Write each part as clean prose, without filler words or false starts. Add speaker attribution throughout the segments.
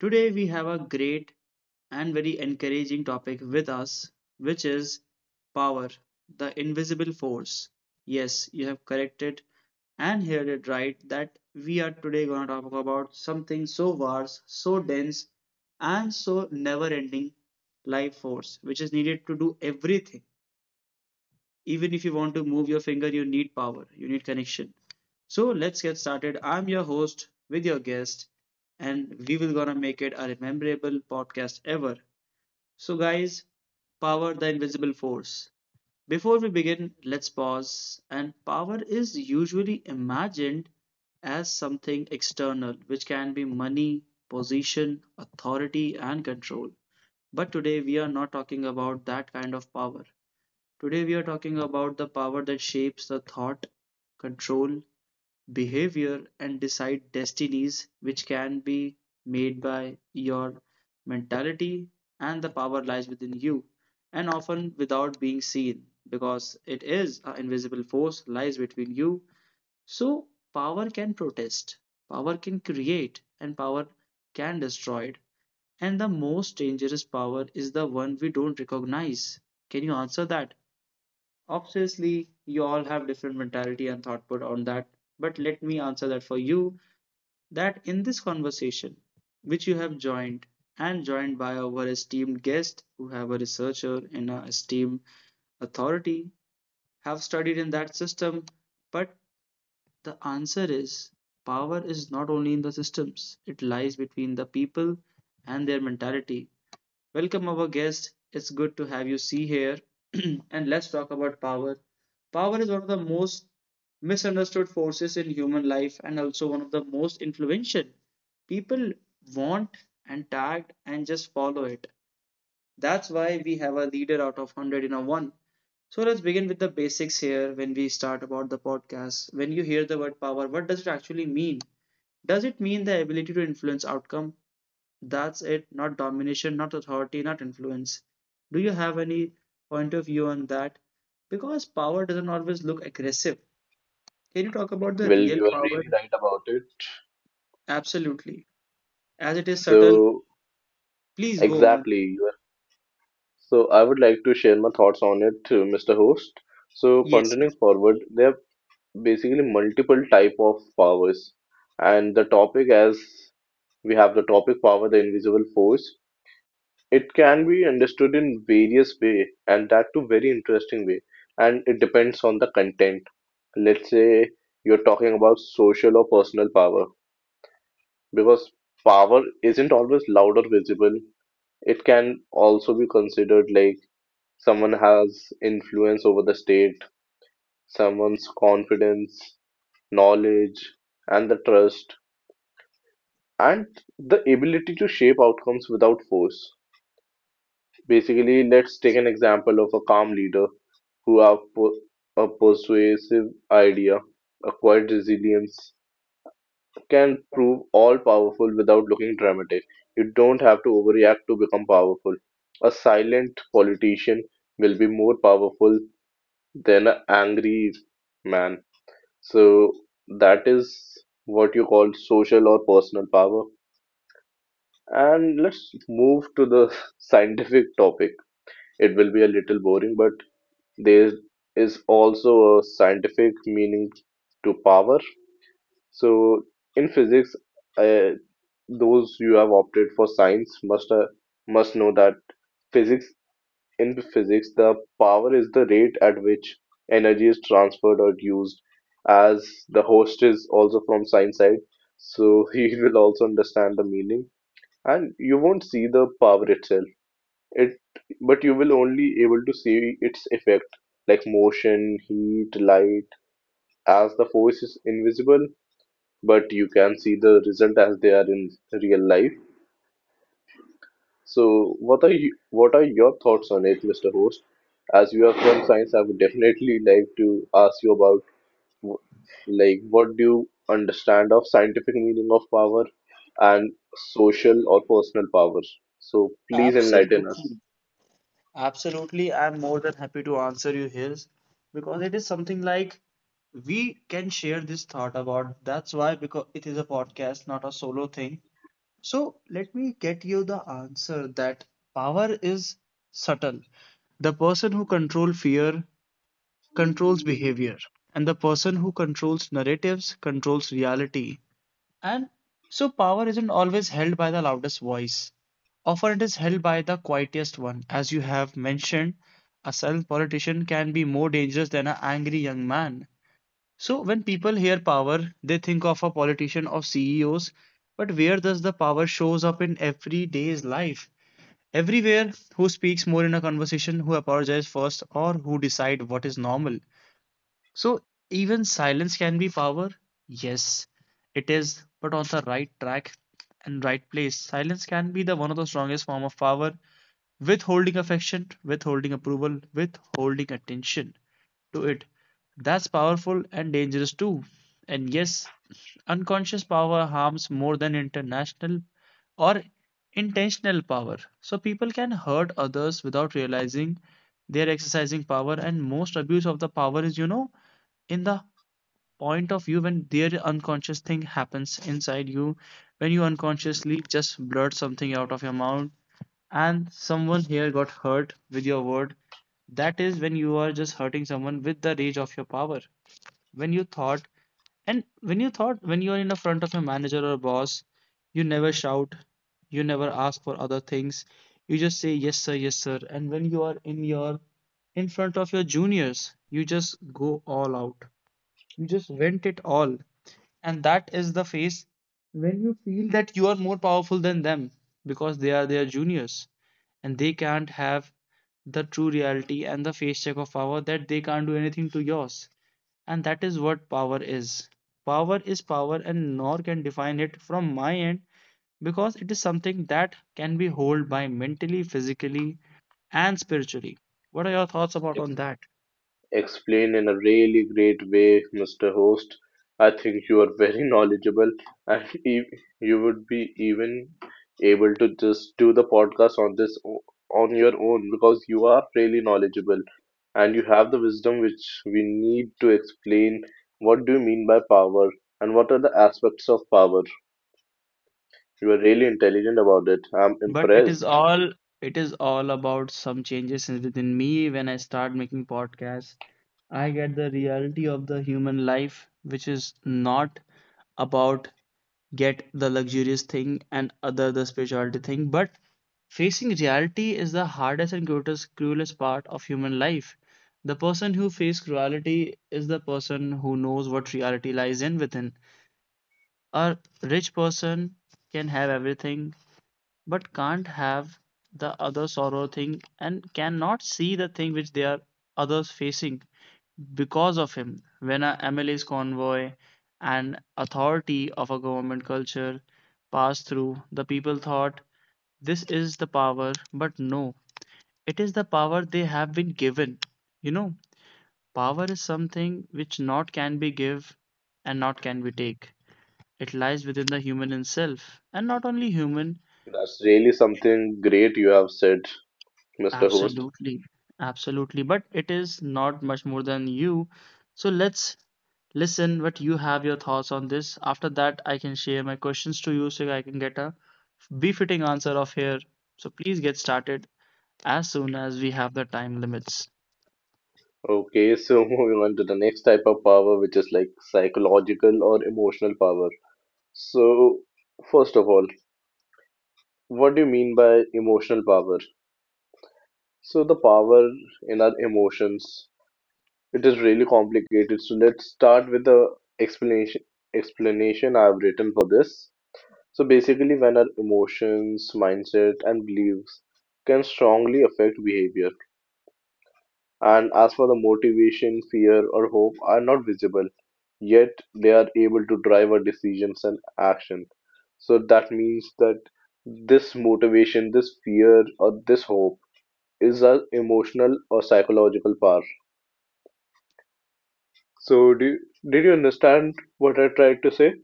Speaker 1: today, we have a great and very encouraging topic with us, which is power, the invisible force. Yes, you have corrected and heard it right that we are today going to talk about something so vast, so dense, and so never ending life force, which is needed to do everything. Even if you want to move your finger, you need power, you need connection. So let's get started. I'm your host with your guest, and we will gonna make it a memorable podcast ever. So guys, power, the invisible force. Before we begin, let's pause. And power is usually imagined as something external, which can be money, position, authority, and control. But today we are not talking about that kind of power. Today, we are talking about the power that shapes the thought, control, behavior, and decide destinies, which can be made by your mentality, and the power lies within you, and often without being seen, because it is an invisible force lies between you. So, power can protest, power can create, and power can destroy it. And the most dangerous power is the one we don't recognize. Can you answer that? Obviously, you all have different mentality and thought put on that, but let me answer that for you, that in this conversation, which you have joined and joined by our esteemed guest who have a researcher and a esteemed authority, have studied in that system, but the answer is power is not only in the systems, it lies between the people and their mentality. Welcome our guest. It's good to have you see here. And let's talk about power. Power is one of the most misunderstood forces in human life and also one of the most influential. People want and tag and just follow it. That's why we have a leader out of 100 in a 1. So let's begin with the basics here when we start about the podcast. When you hear the word power, what does it actually mean? Does it mean the ability to influence outcome? That's it, not domination, not authority, not influence. Do you have any point of view on that? Because power doesn't always look aggressive. Can you talk about the
Speaker 2: Well,
Speaker 1: real
Speaker 2: you are
Speaker 1: power?
Speaker 2: really right about it.
Speaker 1: Absolutely. As it is subtle,
Speaker 2: So,
Speaker 1: please go on.
Speaker 2: exactly. So, I would like to share my thoughts on it, Mr. Host. So,
Speaker 1: Yes,
Speaker 2: continuing
Speaker 1: yes.
Speaker 2: forward, there are basically multiple type of powers, and the topic, as we have the topic power, the invisible force. It can be understood in various way, and that too very interesting way. And it depends on the content. Let's say you're talking about social or personal power, because power isn't always loud or visible. It can also be considered like someone has influence over the state, someone's confidence, knowledge, and the trust, and the ability to shape outcomes without force. Basically, let's take an example of a calm leader who have a persuasive idea, acquired resilience, can prove all powerful without looking dramatic. You don't have to overreact to become powerful. A silent politician will be more powerful then a angry man. So that is what you call social or personal power. And let's move to the scientific topic. It will be a little boring, but there is also a scientific meaning to power. So in physics, uh, those you have opted for science must know that physics In physics, the power is the rate at which energy is transferred or used. As the host is also from science side, so he will also understand the meaning. And you won't see the power itself. It, but you will only able to see its effect, like motion, heat, light, as the force is invisible, but you can see the result as they are in real life. So, what are your thoughts on it, Mr. Host? As you are from science, I would definitely like to ask you about w- like what do you understand of scientific meaning of power and social or personal power? So, please enlighten us.
Speaker 1: Absolutely. Absolutely. I'm more than happy to answer you here because it is something like we can share this thought about. That's why, because it is a podcast, not a solo thing. So let me get you the answer that power is subtle. The person who controls fear controls behavior, and the person who controls narratives controls reality. And so power isn't always held by the loudest voice. Often it is held by the quietest one. As you have mentioned, a silent politician can be more dangerous than an angry young man. So when people hear power, they think of a politician or CEOs, but where does the power shows up in everyday's life? Everywhere, who speaks more in a conversation, who apologizes first, or who decide what is normal. So even silence can be power. Yes, it is, but on the right track and right place. Silence can be the one of the strongest form of power. Withholding affection, withholding approval, withholding attention to it. That's powerful and dangerous too. And yes, unconscious power harms more than international or intentional power. So people can hurt others without realizing they're exercising power, and most abuse of the power is, in the point of view when their unconscious thing happens inside you, when you unconsciously just blurt something out of your mouth and someone here got hurt with your word. That is when you are just hurting someone with the reach of your power. When you thought, and when you thought, when you are in the front of a manager or a boss, you never shout, you never ask for other things. You just say yes, sir, yes, sir. And when you are in your in front of your juniors, you just go all out. You just vent it all. And that is the phase when you feel that you are more powerful than them because they are their juniors and they can't have the true reality and the face check of power, that they can't do anything to yours. And that is what power is. Power is power, and nor can define it from my end because it is something that can be held by mentally, physically, and spiritually. What are your thoughts about on that?
Speaker 2: Explain in a really great way, Mr. Host. I think you are very knowledgeable and you would be even able to just do the podcast on on your own, because you are really knowledgeable and you have the wisdom which we need to explain what do you mean by power and what are the aspects of power. You are really intelligent about it. I'm
Speaker 1: But it is
Speaker 2: impressed.
Speaker 1: all, it is all about some changes within me when I start making podcasts. I get the reality of the human life, which is not about get the luxurious thing and other the spirituality thing, but facing reality is the hardest and cruelest part of human life. The person who faces cruelty is the person who knows what reality lies in within. A rich person can have everything but can't have the other sorrow thing and cannot see the thing which they are others facing because of him. When a MLA's convoy and authority of a government culture passed through, the people thought this is the power, but no, it is the power they have been given. You know, power is something which not can be give and not can be take. It lies within the human in and not only human.
Speaker 2: That's really something great you have said, Mr. Host.
Speaker 1: Absolutely, absolutely. But it is not much more than you. So let's listen what you have your thoughts on this. After that, I can share my questions to you so I can get a befitting answer of here. So please get started as soon as we have the time limits.
Speaker 2: Okay, so moving on to the next type of power, which is like psychological or emotional power. So, first of all, what do you mean by emotional power? So, the power in our emotions, it is really complicated. So, let's start with the explanation explanation I've written for this. So, basically, when our emotions, mindset, and beliefs can strongly affect behavior, and as for the motivation, fear, or hope are not visible yet they are able to drive our decisions and action. So that means that this motivation, this fear, or this hope is our emotional or psychological power. So, did you understand what I tried to say?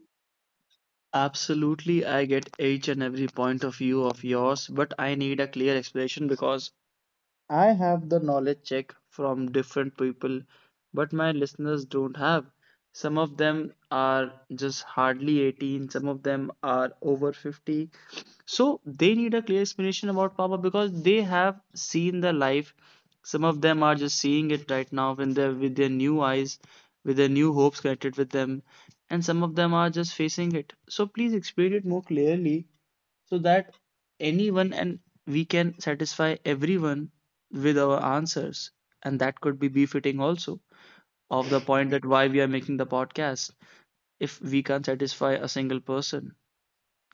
Speaker 1: Absolutely, I get each and every point of view of yours, but I need a clear explanation because I have the knowledge check from different people, but my listeners don't have. Some of them are just hardly 18, some of them are over 50. So they need a clear explanation about power because they have seen the life. Some of them are just seeing it right now when they're with their new eyes, with their new hopes connected with them, and some of them are just facing it. So please explain it more clearly so that anyone and we can satisfy everyone with our answers, and that could be befitting also of the point that why we are making the podcast if we can't satisfy a single person.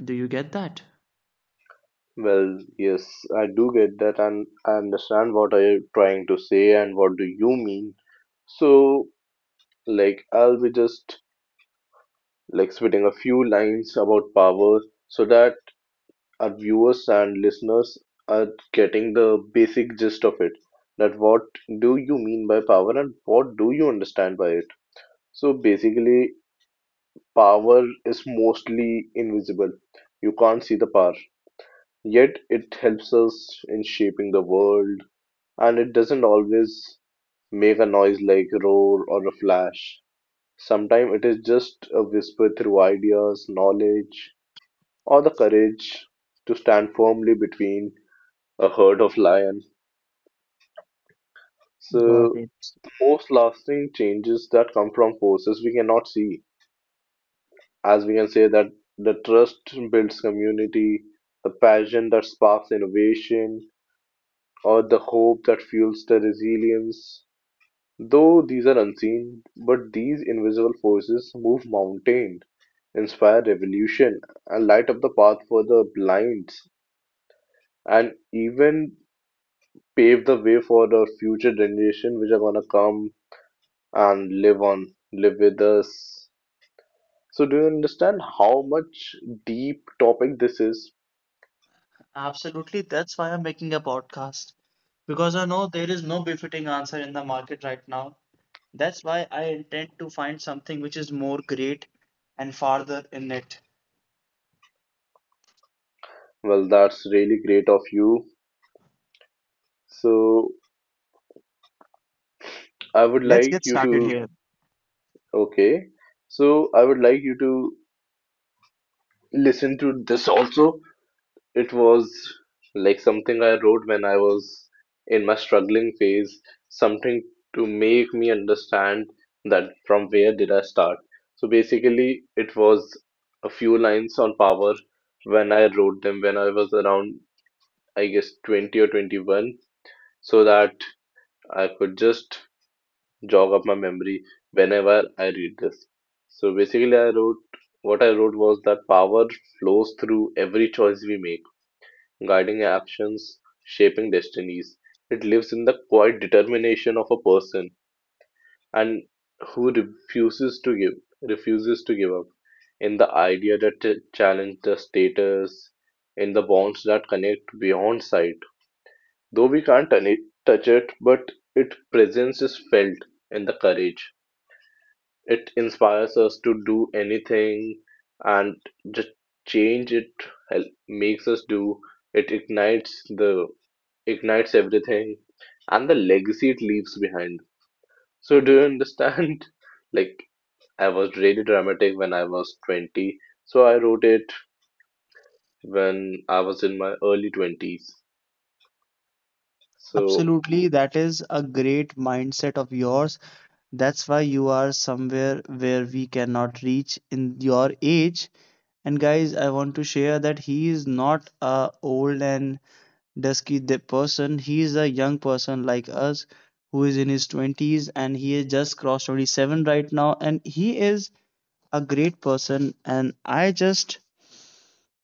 Speaker 1: Do you get that?
Speaker 2: Well, yes, I do get that, and I understand what are you trying to say and what do you mean. So, like, I'll be just like spitting a few lines about power so that our viewers and listeners are getting the basic gist of it. That what do you mean by power and what do you understand by it? So basically, power is mostly invisible. You can't see the power. Yet it helps us in shaping the world, and it doesn't always make a noise like a roar or a flash. Sometimes it is just a whisper through ideas, knowledge, or the courage to stand firmly between a herd of lions.
Speaker 1: Got
Speaker 2: So,
Speaker 1: it.
Speaker 2: most lasting changes that come from forces we cannot see, as we can say that the trust builds community, the passion that sparks innovation, or the hope that fuels the resilience. Though these are unseen, but these invisible forces move mountains, inspire revolution, and light up the path for the blind, and even pave the way for the future generation which are gonna come and live with us. So do you understand how much deep topic this is?
Speaker 1: Absolutely, that's why I'm making a podcast because I know there is no befitting answer in the market right now. That's why I intend to find something which is more great and farther in it.
Speaker 2: Well, that's really great of you. So I would
Speaker 1: Let's
Speaker 2: like
Speaker 1: get
Speaker 2: you
Speaker 1: started
Speaker 2: to,
Speaker 1: here.
Speaker 2: okay. So I would like you to listen to this also. It was like something I wrote when I was in my struggling phase, something to make me understand that from where did I start. So basically, it was a few lines on power when I wrote them when I was around I guess 20 or 21, so that I could just jog up my memory whenever I read this. So basically, I wrote what I wrote was that power flows through every choice we make, guiding actions, shaping destinies. It lives in the quiet determination of a person and who refuses to give up, in the idea that challenge the status, in the bonds that connect beyond sight. Though we can't touch it, but its presence is felt in the courage. It inspires us to do anything and just change it makes us do. It ignites everything and the legacy it leaves behind. So do you understand? Like I was really dramatic when I was 20, so I wrote it when I was in my early 20s. So,
Speaker 1: Absolutely, that is a great mindset of yours. That's why you are somewhere where we cannot reach in your age. And guys, I want to share that he is not a old and dusky person. He is a young person like us who is in his 20s and he is just crossed 27 right now and he is a great person and I just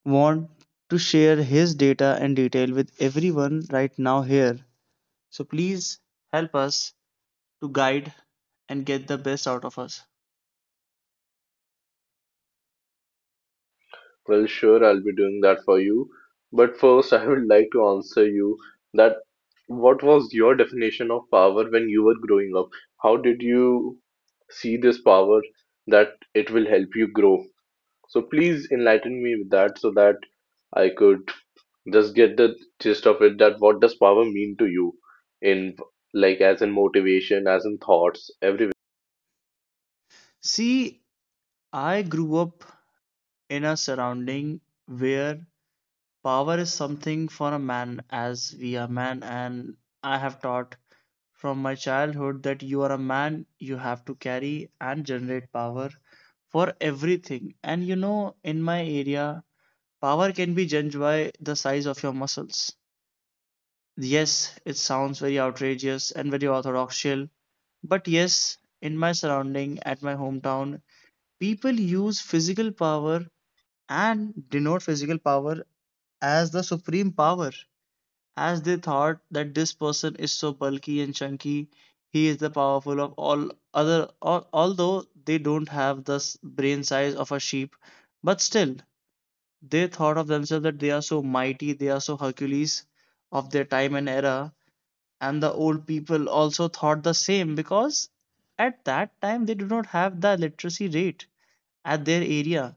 Speaker 1: want to share his data and detail with everyone right now here. So please help us to guide and get the best out of us.
Speaker 2: well, sure, I'll be doing that for you. But first, I would like to answer you that what was your definition of power when you were growing up? How did you see this power that it will help you grow? So please enlighten me with that so that I could just get the gist of it, that what does power mean to you, in like as in motivation, as in thoughts, everywhere.
Speaker 1: See, I grew up in a surrounding where power is something for a man, as we are man, and I have taught from my childhood that you are a man, you have to carry and generate power for everything. And you know, in my area, power can be judged by the size of your muscles. Yes, it sounds very outrageous and very orthodoxial. But yes, in my surrounding, at my hometown, people use physical power and denote physical power as the supreme power, as they thought that this person is so bulky and chunky, he is the powerful of all other. Although they don't have the brain size of a sheep, but still they thought of themselves that they are so mighty, they are so Hercules of their time and era, and the old people also thought the same because at that time they did not have the literacy rate at their area.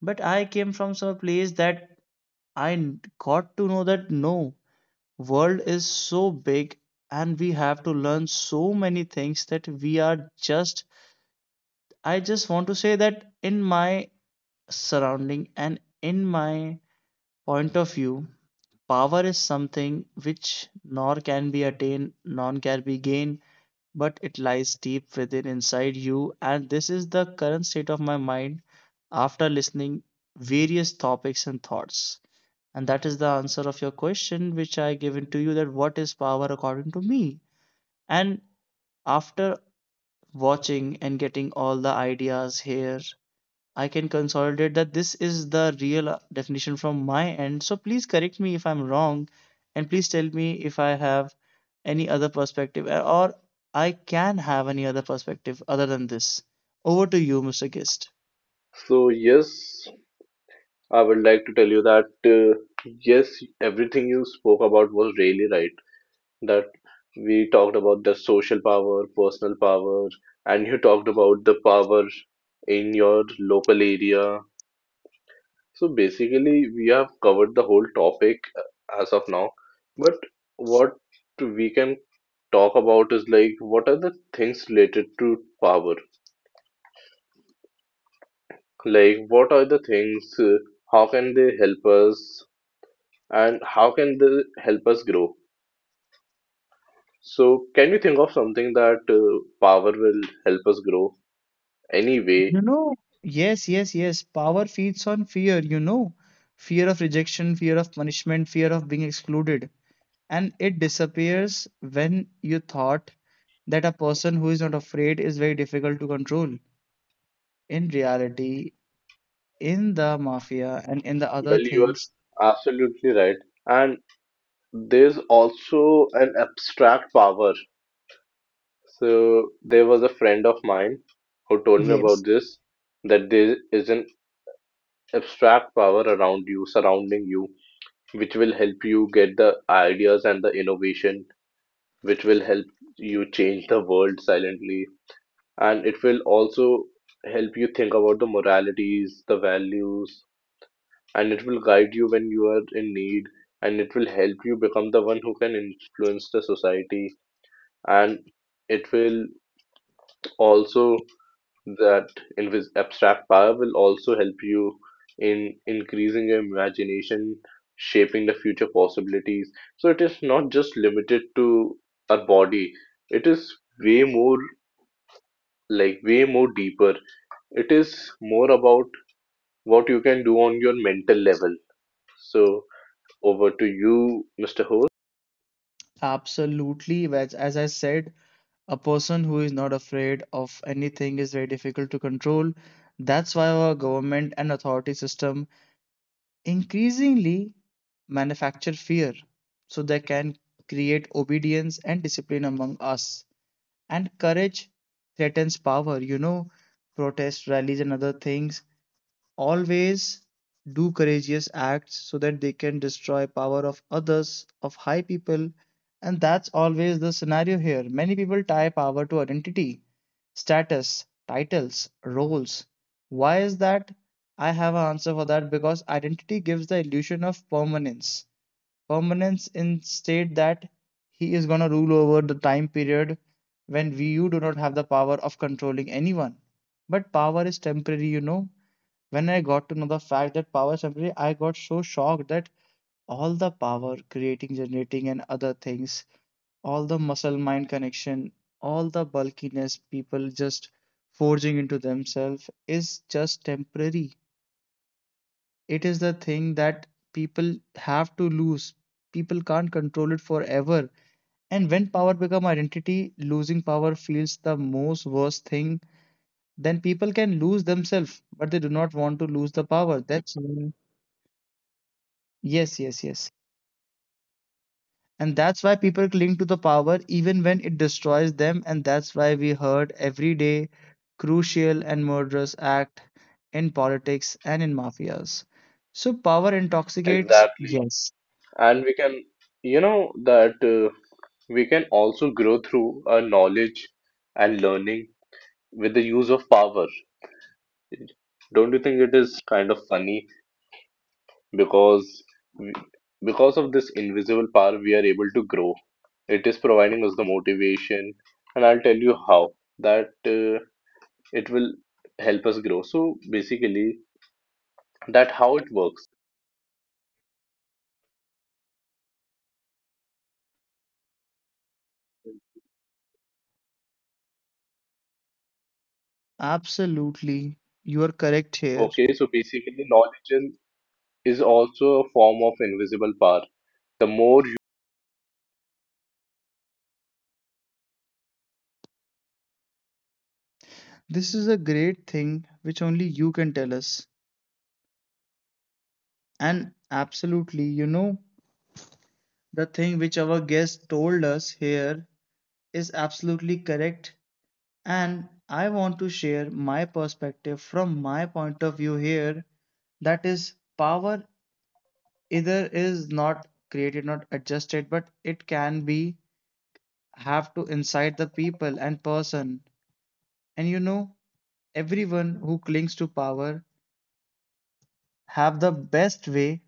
Speaker 1: But I came from some place that I got to know that no, world is so big and we have to learn so many things, that we are just, I just want to say that in my surrounding and in my point of view, power is something which nor can be attained nor can be gained, but it lies deep within inside you. And this is the current state of my mind after listening various topics and thoughts. And that is the answer of your question, which I given to you that what is power according to me. And after watching and getting all the ideas here, I can consolidate that this is the real definition from my end. So please correct me if I'm wrong, and please tell me if I have any other perspective or I can have any other perspective other than this. Over to you, Mr. Gist.
Speaker 2: So yes, I would like to tell you that yes, everything you spoke about was really right. That we talked about the social power, personal power, and you talked about the power in your local area. So basically, we have covered the whole topic as of now. But what we can talk about is like what are the things related to power? Like what are the things? How can they help us? And how can they help us grow? So, can you think of something that power will help us grow anyway?
Speaker 1: You know, yes, yes, yes. Power feeds on fear. Fear of rejection, fear of punishment, fear of being excluded. And it disappears when you thought that a person who is not afraid is very difficult to control. In reality, in the mafia and in the other
Speaker 2: Well, you
Speaker 1: things,
Speaker 2: are absolutely right. And there's also an abstract power. So, there was a friend of mine who told me about
Speaker 1: yes,
Speaker 2: this, that there is an abstract power around you, surrounding you, which will help you get the ideas and the innovation, which will help you change the world silently, and it will also help you think about the moralities, the values, and it will guide you when you are in need, and it will help you become the one who can influence the society, and it will also, that invis abstract power will also help you in increasing your imagination, shaping the future possibilities. So it is not just limited to our body. It is way more way more deeper. It is more about what you can do on your mental level. So over to you, Mr. Host.
Speaker 1: absolutely. As I said, a person who is not afraid of anything is very difficult to control. That's why our government and authority system increasingly manufacture fear so they can create obedience and discipline among us. And courage threatens power, protest rallies and other things always do courageous acts so that they can destroy power of others of high people. And that's always the scenario here. Many people tie power to identity, status, titles, roles. Why is that? I have an answer for that, because identity gives the illusion of permanence, permanence in state that he is going to rule over the time period when we you do not have the power of controlling anyone. But power is temporary. When I got to know the fact that power is temporary, I got so shocked that all the power, creating, generating, and other things, all the muscle mind connection, all the bulkiness people just forging into themselves is just temporary. It is the thing that people have to lose. People can't control it forever. And when power become identity, losing power feels the most worst thing. Then people can lose themselves, but they do not want to lose the power. That's Yes, yes, yes. And that's why people cling to the power even when it destroys them. And that's why we heard every day crucial and murderous act in politics and in mafias. So power intoxicates?
Speaker 2: Exactly.
Speaker 1: Yes,
Speaker 2: And we can, that we can also grow through knowledge and learning with the use of power. Don't you think it is kind of funny because we, because of this invisible power we are able to grow. It is providing us the motivation, and I'll tell you how that it will help us grow. So basically, that how it works.
Speaker 1: absolutely. You are correct here.
Speaker 2: Okay, so basically, knowledge is also a form of invisible power. The more
Speaker 1: This is a great thing which only you can tell us. And absolutely, the thing which our guest told us here is absolutely correct. And I want to share my perspective from my point of view here. That is, power either is not created, not adjusted, but it can be have to inside the people and person. And everyone who clings to power have the best way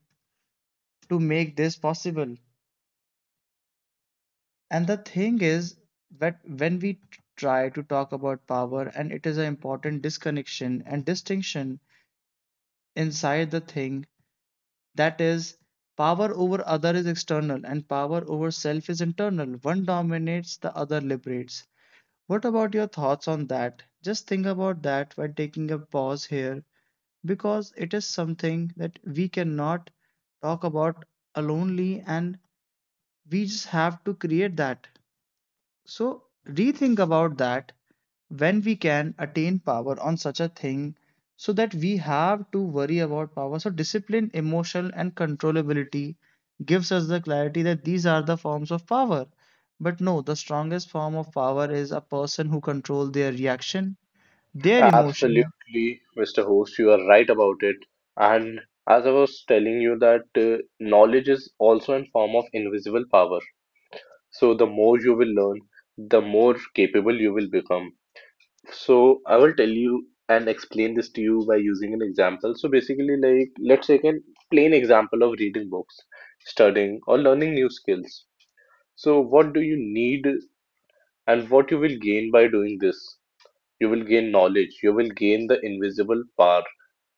Speaker 1: to make this possible. And the thing is that when we try to talk about power, and it is an important disconnection and distinction inside the thing. That is, power over other is external and power over self is internal. One dominates, the other liberates. What about your thoughts on that? Just think about that while taking a pause here because it is something that we cannot talk about alone and we just have to create that. So rethink about that when we can attain power on such a thing so that we have to worry about power. So discipline, emotional, and controllability gives us the clarity that these are the forms of power. But no, the strongest form of power is a person who control their reaction, their emotion.
Speaker 2: Absolutely, Mr. Host, you are right about it. And as I was telling you that knowledge is also a form of invisible power. So the more you will learn, the more capable you will become. So I will tell you and explain this to you by using an example. So basically, like let's take a plain example of reading books, studying, or learning new skills. So what do you need and what you will gain by doing this? You will gain knowledge. You will gain the invisible power,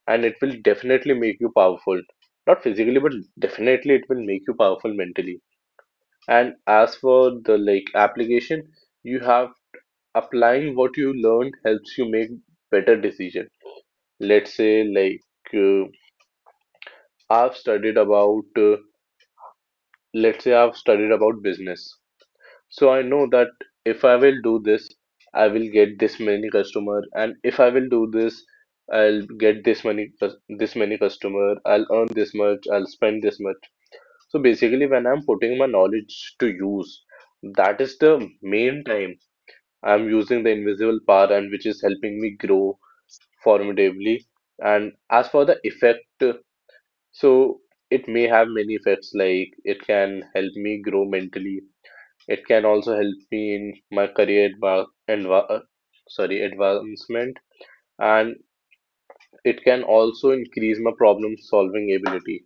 Speaker 2: and it will definitely make you powerful, not physically, but definitely it will make you powerful mentally. And as for the, like, application, you have applying what you learned helps you make better decision. Let's say, like, I've studied about let's say I've studied about business, so I know that if I will do this I will get this many customer, and if I will do this, I'll get this many this many customer, I'll earn this much, I'll spend this much. So basically, when I'm putting my knowledge to use, that is the main time I'm using the invisible power, and which is helping me grow formidably. And as for the effect, so it may have many effects like it can help me grow mentally. It can also help me in my career adva- sorry, advancement, and it can also increase my problem solving ability.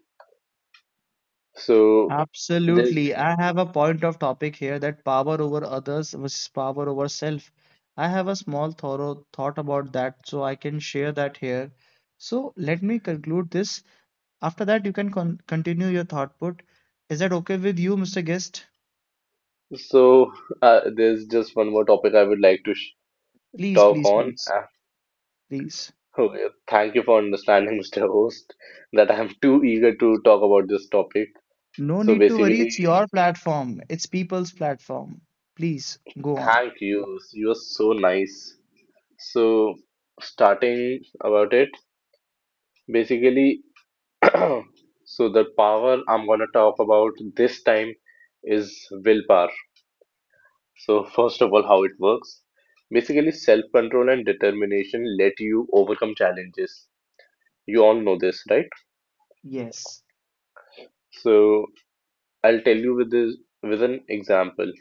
Speaker 2: So there's
Speaker 1: Absolutely. I have a point of topic here that power over others versus power over self. I have a small thorough thought about that, so I can share that here. So let me conclude this. After that, you can continue your thought put. Is that okay with you, Mr. Guest?
Speaker 2: So, there's just one more topic I would like to sh
Speaker 1: Please,
Speaker 2: talk
Speaker 1: please,
Speaker 2: on.
Speaker 1: please, please.
Speaker 2: Thank you for understanding, Mr. Host, that I'm too eager to talk about this topic.
Speaker 1: No
Speaker 2: So,
Speaker 1: need to worry. It's
Speaker 2: basically,
Speaker 1: your platform. It's people's platform. Please go on.
Speaker 2: thank you. You're so nice. So, starting about it, basically, so the power I'm gonna talk about this time is willpower. So, first of all, how it works. Basically, self-control and determination let you overcome challenges. You all know this, right?
Speaker 1: Yes.
Speaker 2: So I'll tell you with this with an example.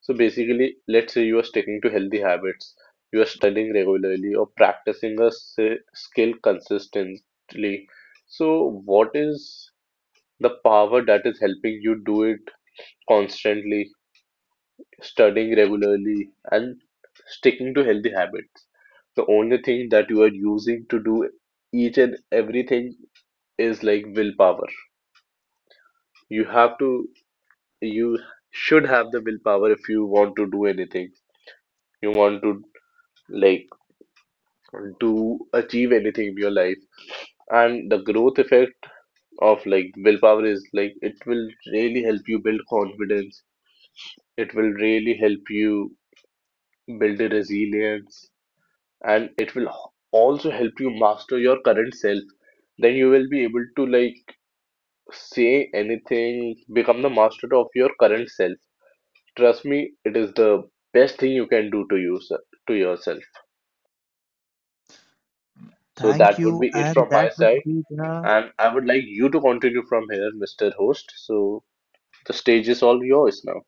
Speaker 2: So basically, let's say you are sticking to healthy habits, you are studying regularly or practicing a skill consistently. So what is the power that is helping you do it constantly, studying regularly and sticking to healthy habits? The only thing that you are using to do each and everything is like willpower. you have to you should have the willpower if you want to do anything. You want to like do achieve anything in your life. And the growth effect of like willpower is like it will really help you build confidence, it will really help you build a resilience, and it will also help you master your current self. Then you will be able to, like, say anything, become the master of your current self. Trust me, it is the best thing you can do to yourself. So
Speaker 1: Thank
Speaker 2: that would
Speaker 1: you.
Speaker 2: be it
Speaker 1: And
Speaker 2: from my
Speaker 1: that will
Speaker 2: side,
Speaker 1: be the
Speaker 2: and I would like you to continue from here, Mr. Host. So the stage is all yours now.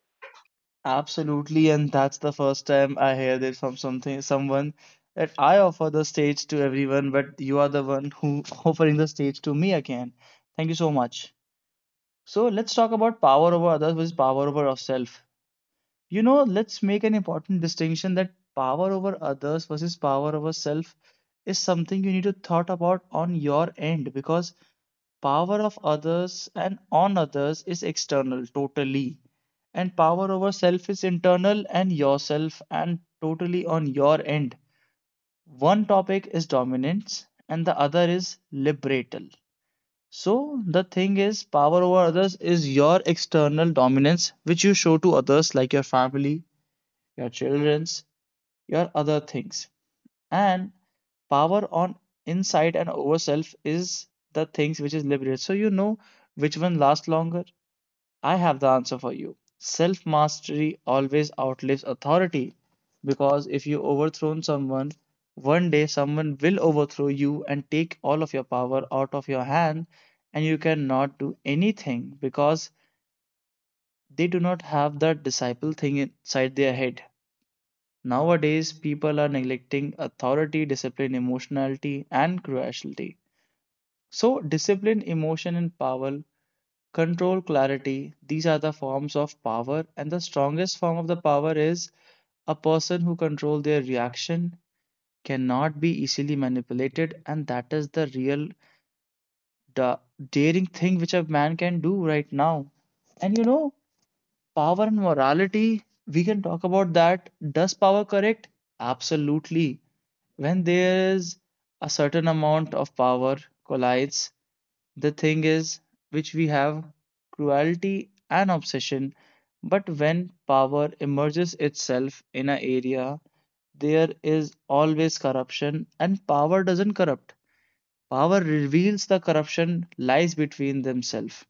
Speaker 1: Absolutely, and that's the first time I heard it from something someone that I offer the stage to everyone, but you are the one who offering the stage to me again. Thank you so much. So let's talk about power over others versus power over of self. Let's make an important distinction that power over others versus power over self is something you need to thought about on your end, because power of others and on others is external totally and power over self is internal and yourself and totally on your end. One topic is dominance and the other is liberatal. So the thing is power over others is your external dominance which you show to others like your family, your children's, your other things, and power on inside and over self is the things which is liberated. So which one lasts longer? I have the answer for you. Self mastery always outlives authority, because if you overthrown someone one day someone will overthrow you and take all of your power out of your hand and you cannot do anything because they do not have the disciple thing inside their head. Nowadays, people are neglecting authority, discipline, emotionality, and cruelty. So, discipline, emotion, and power, control, clarity, these are the forms of power. And the strongest form of the power is a person who controls their reaction cannot be easily manipulated. And that is the real da- daring thing which a man can do right now. And power and morality, we can talk about that. Does power correct? Absolutely. When there is a certain amount of power collides, the thing is which we have cruelty and obsession. But when power emerges itself in an area, there is always corruption, and power doesn't corrupt. Power reveals the corruption lies between themselves,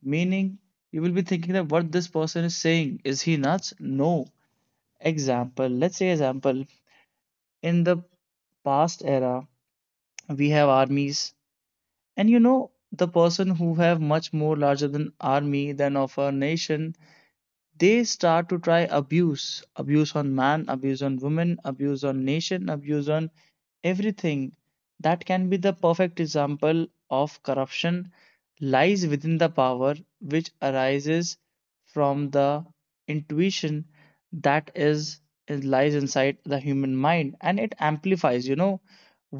Speaker 1: meaning you will be thinking that what this person is saying, is he nuts? No. Example, let's say example, in the past era we have armies, and the person who have much more larger than army than of our nation, they start to try abuse on man, abuse on women, abuse on nation, abuse on everything. That can be the perfect example of corruption lies within the power, which arises from the intuition that lies inside the human mind, and it amplifies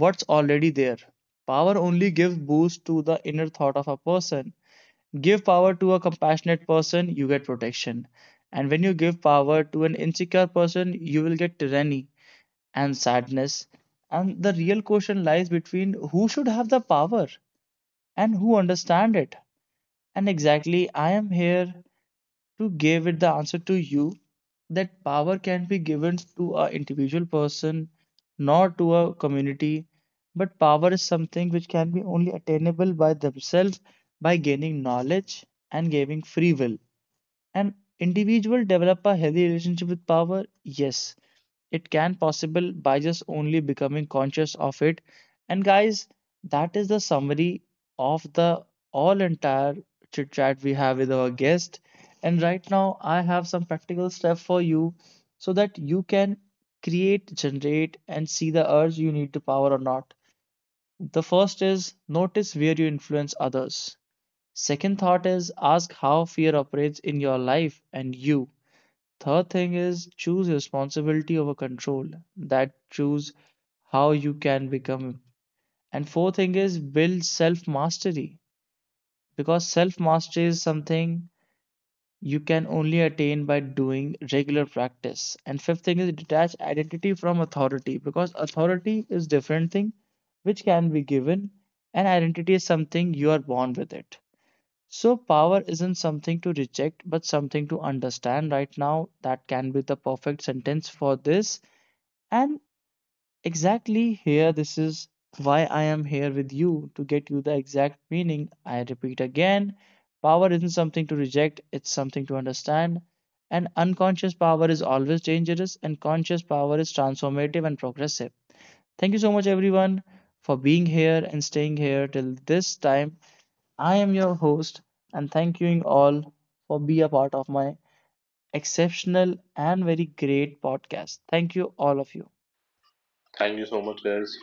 Speaker 1: what's already there. Power only gives boost to the inner thought of a person. Give power to a compassionate person, you get protection. And when you give power to an insecure person, you will get tyranny and sadness. And the real question lies between who should have the power and who understand it. And exactly, I am here to give it the answer to you that power can be given to an individual person, not to a community. But power is something which can be only attainable by themselves by gaining knowledge and giving free will an individual develop a healthy relationship with power. Yes, it can possible by just only becoming conscious of it. And guys, that is the summary of the all entire chit chat we have with our guest. And right now, I have some practical steps for you so that you can create, generate, and see the urge you need to power or not. The first is notice where you influence others. Second thought is ask how fear operates in your life and you. Third thing is choose responsibility over control. That choose how you can become. And fourth thing is build self mastery because self mastery is something you can only attain by doing regular practice. And fifth thing is detach identity from authority because authority is different thing which can be given and identity is something you are born with it. So, power isn't something to reject, but something to understand right now. That can be the perfect sentence for this. And exactly here, this is why I am here with you to get you the exact meaning. I repeat again, power isn't something to reject, it's something to understand. And unconscious power is always dangerous, and conscious power is transformative and progressive. Thank you so much, everyone, for being here and staying here till this time. I am your host, and thank you all for being a part of my exceptional and very great podcast. Thank you all of you.
Speaker 2: Thank you so much, guys.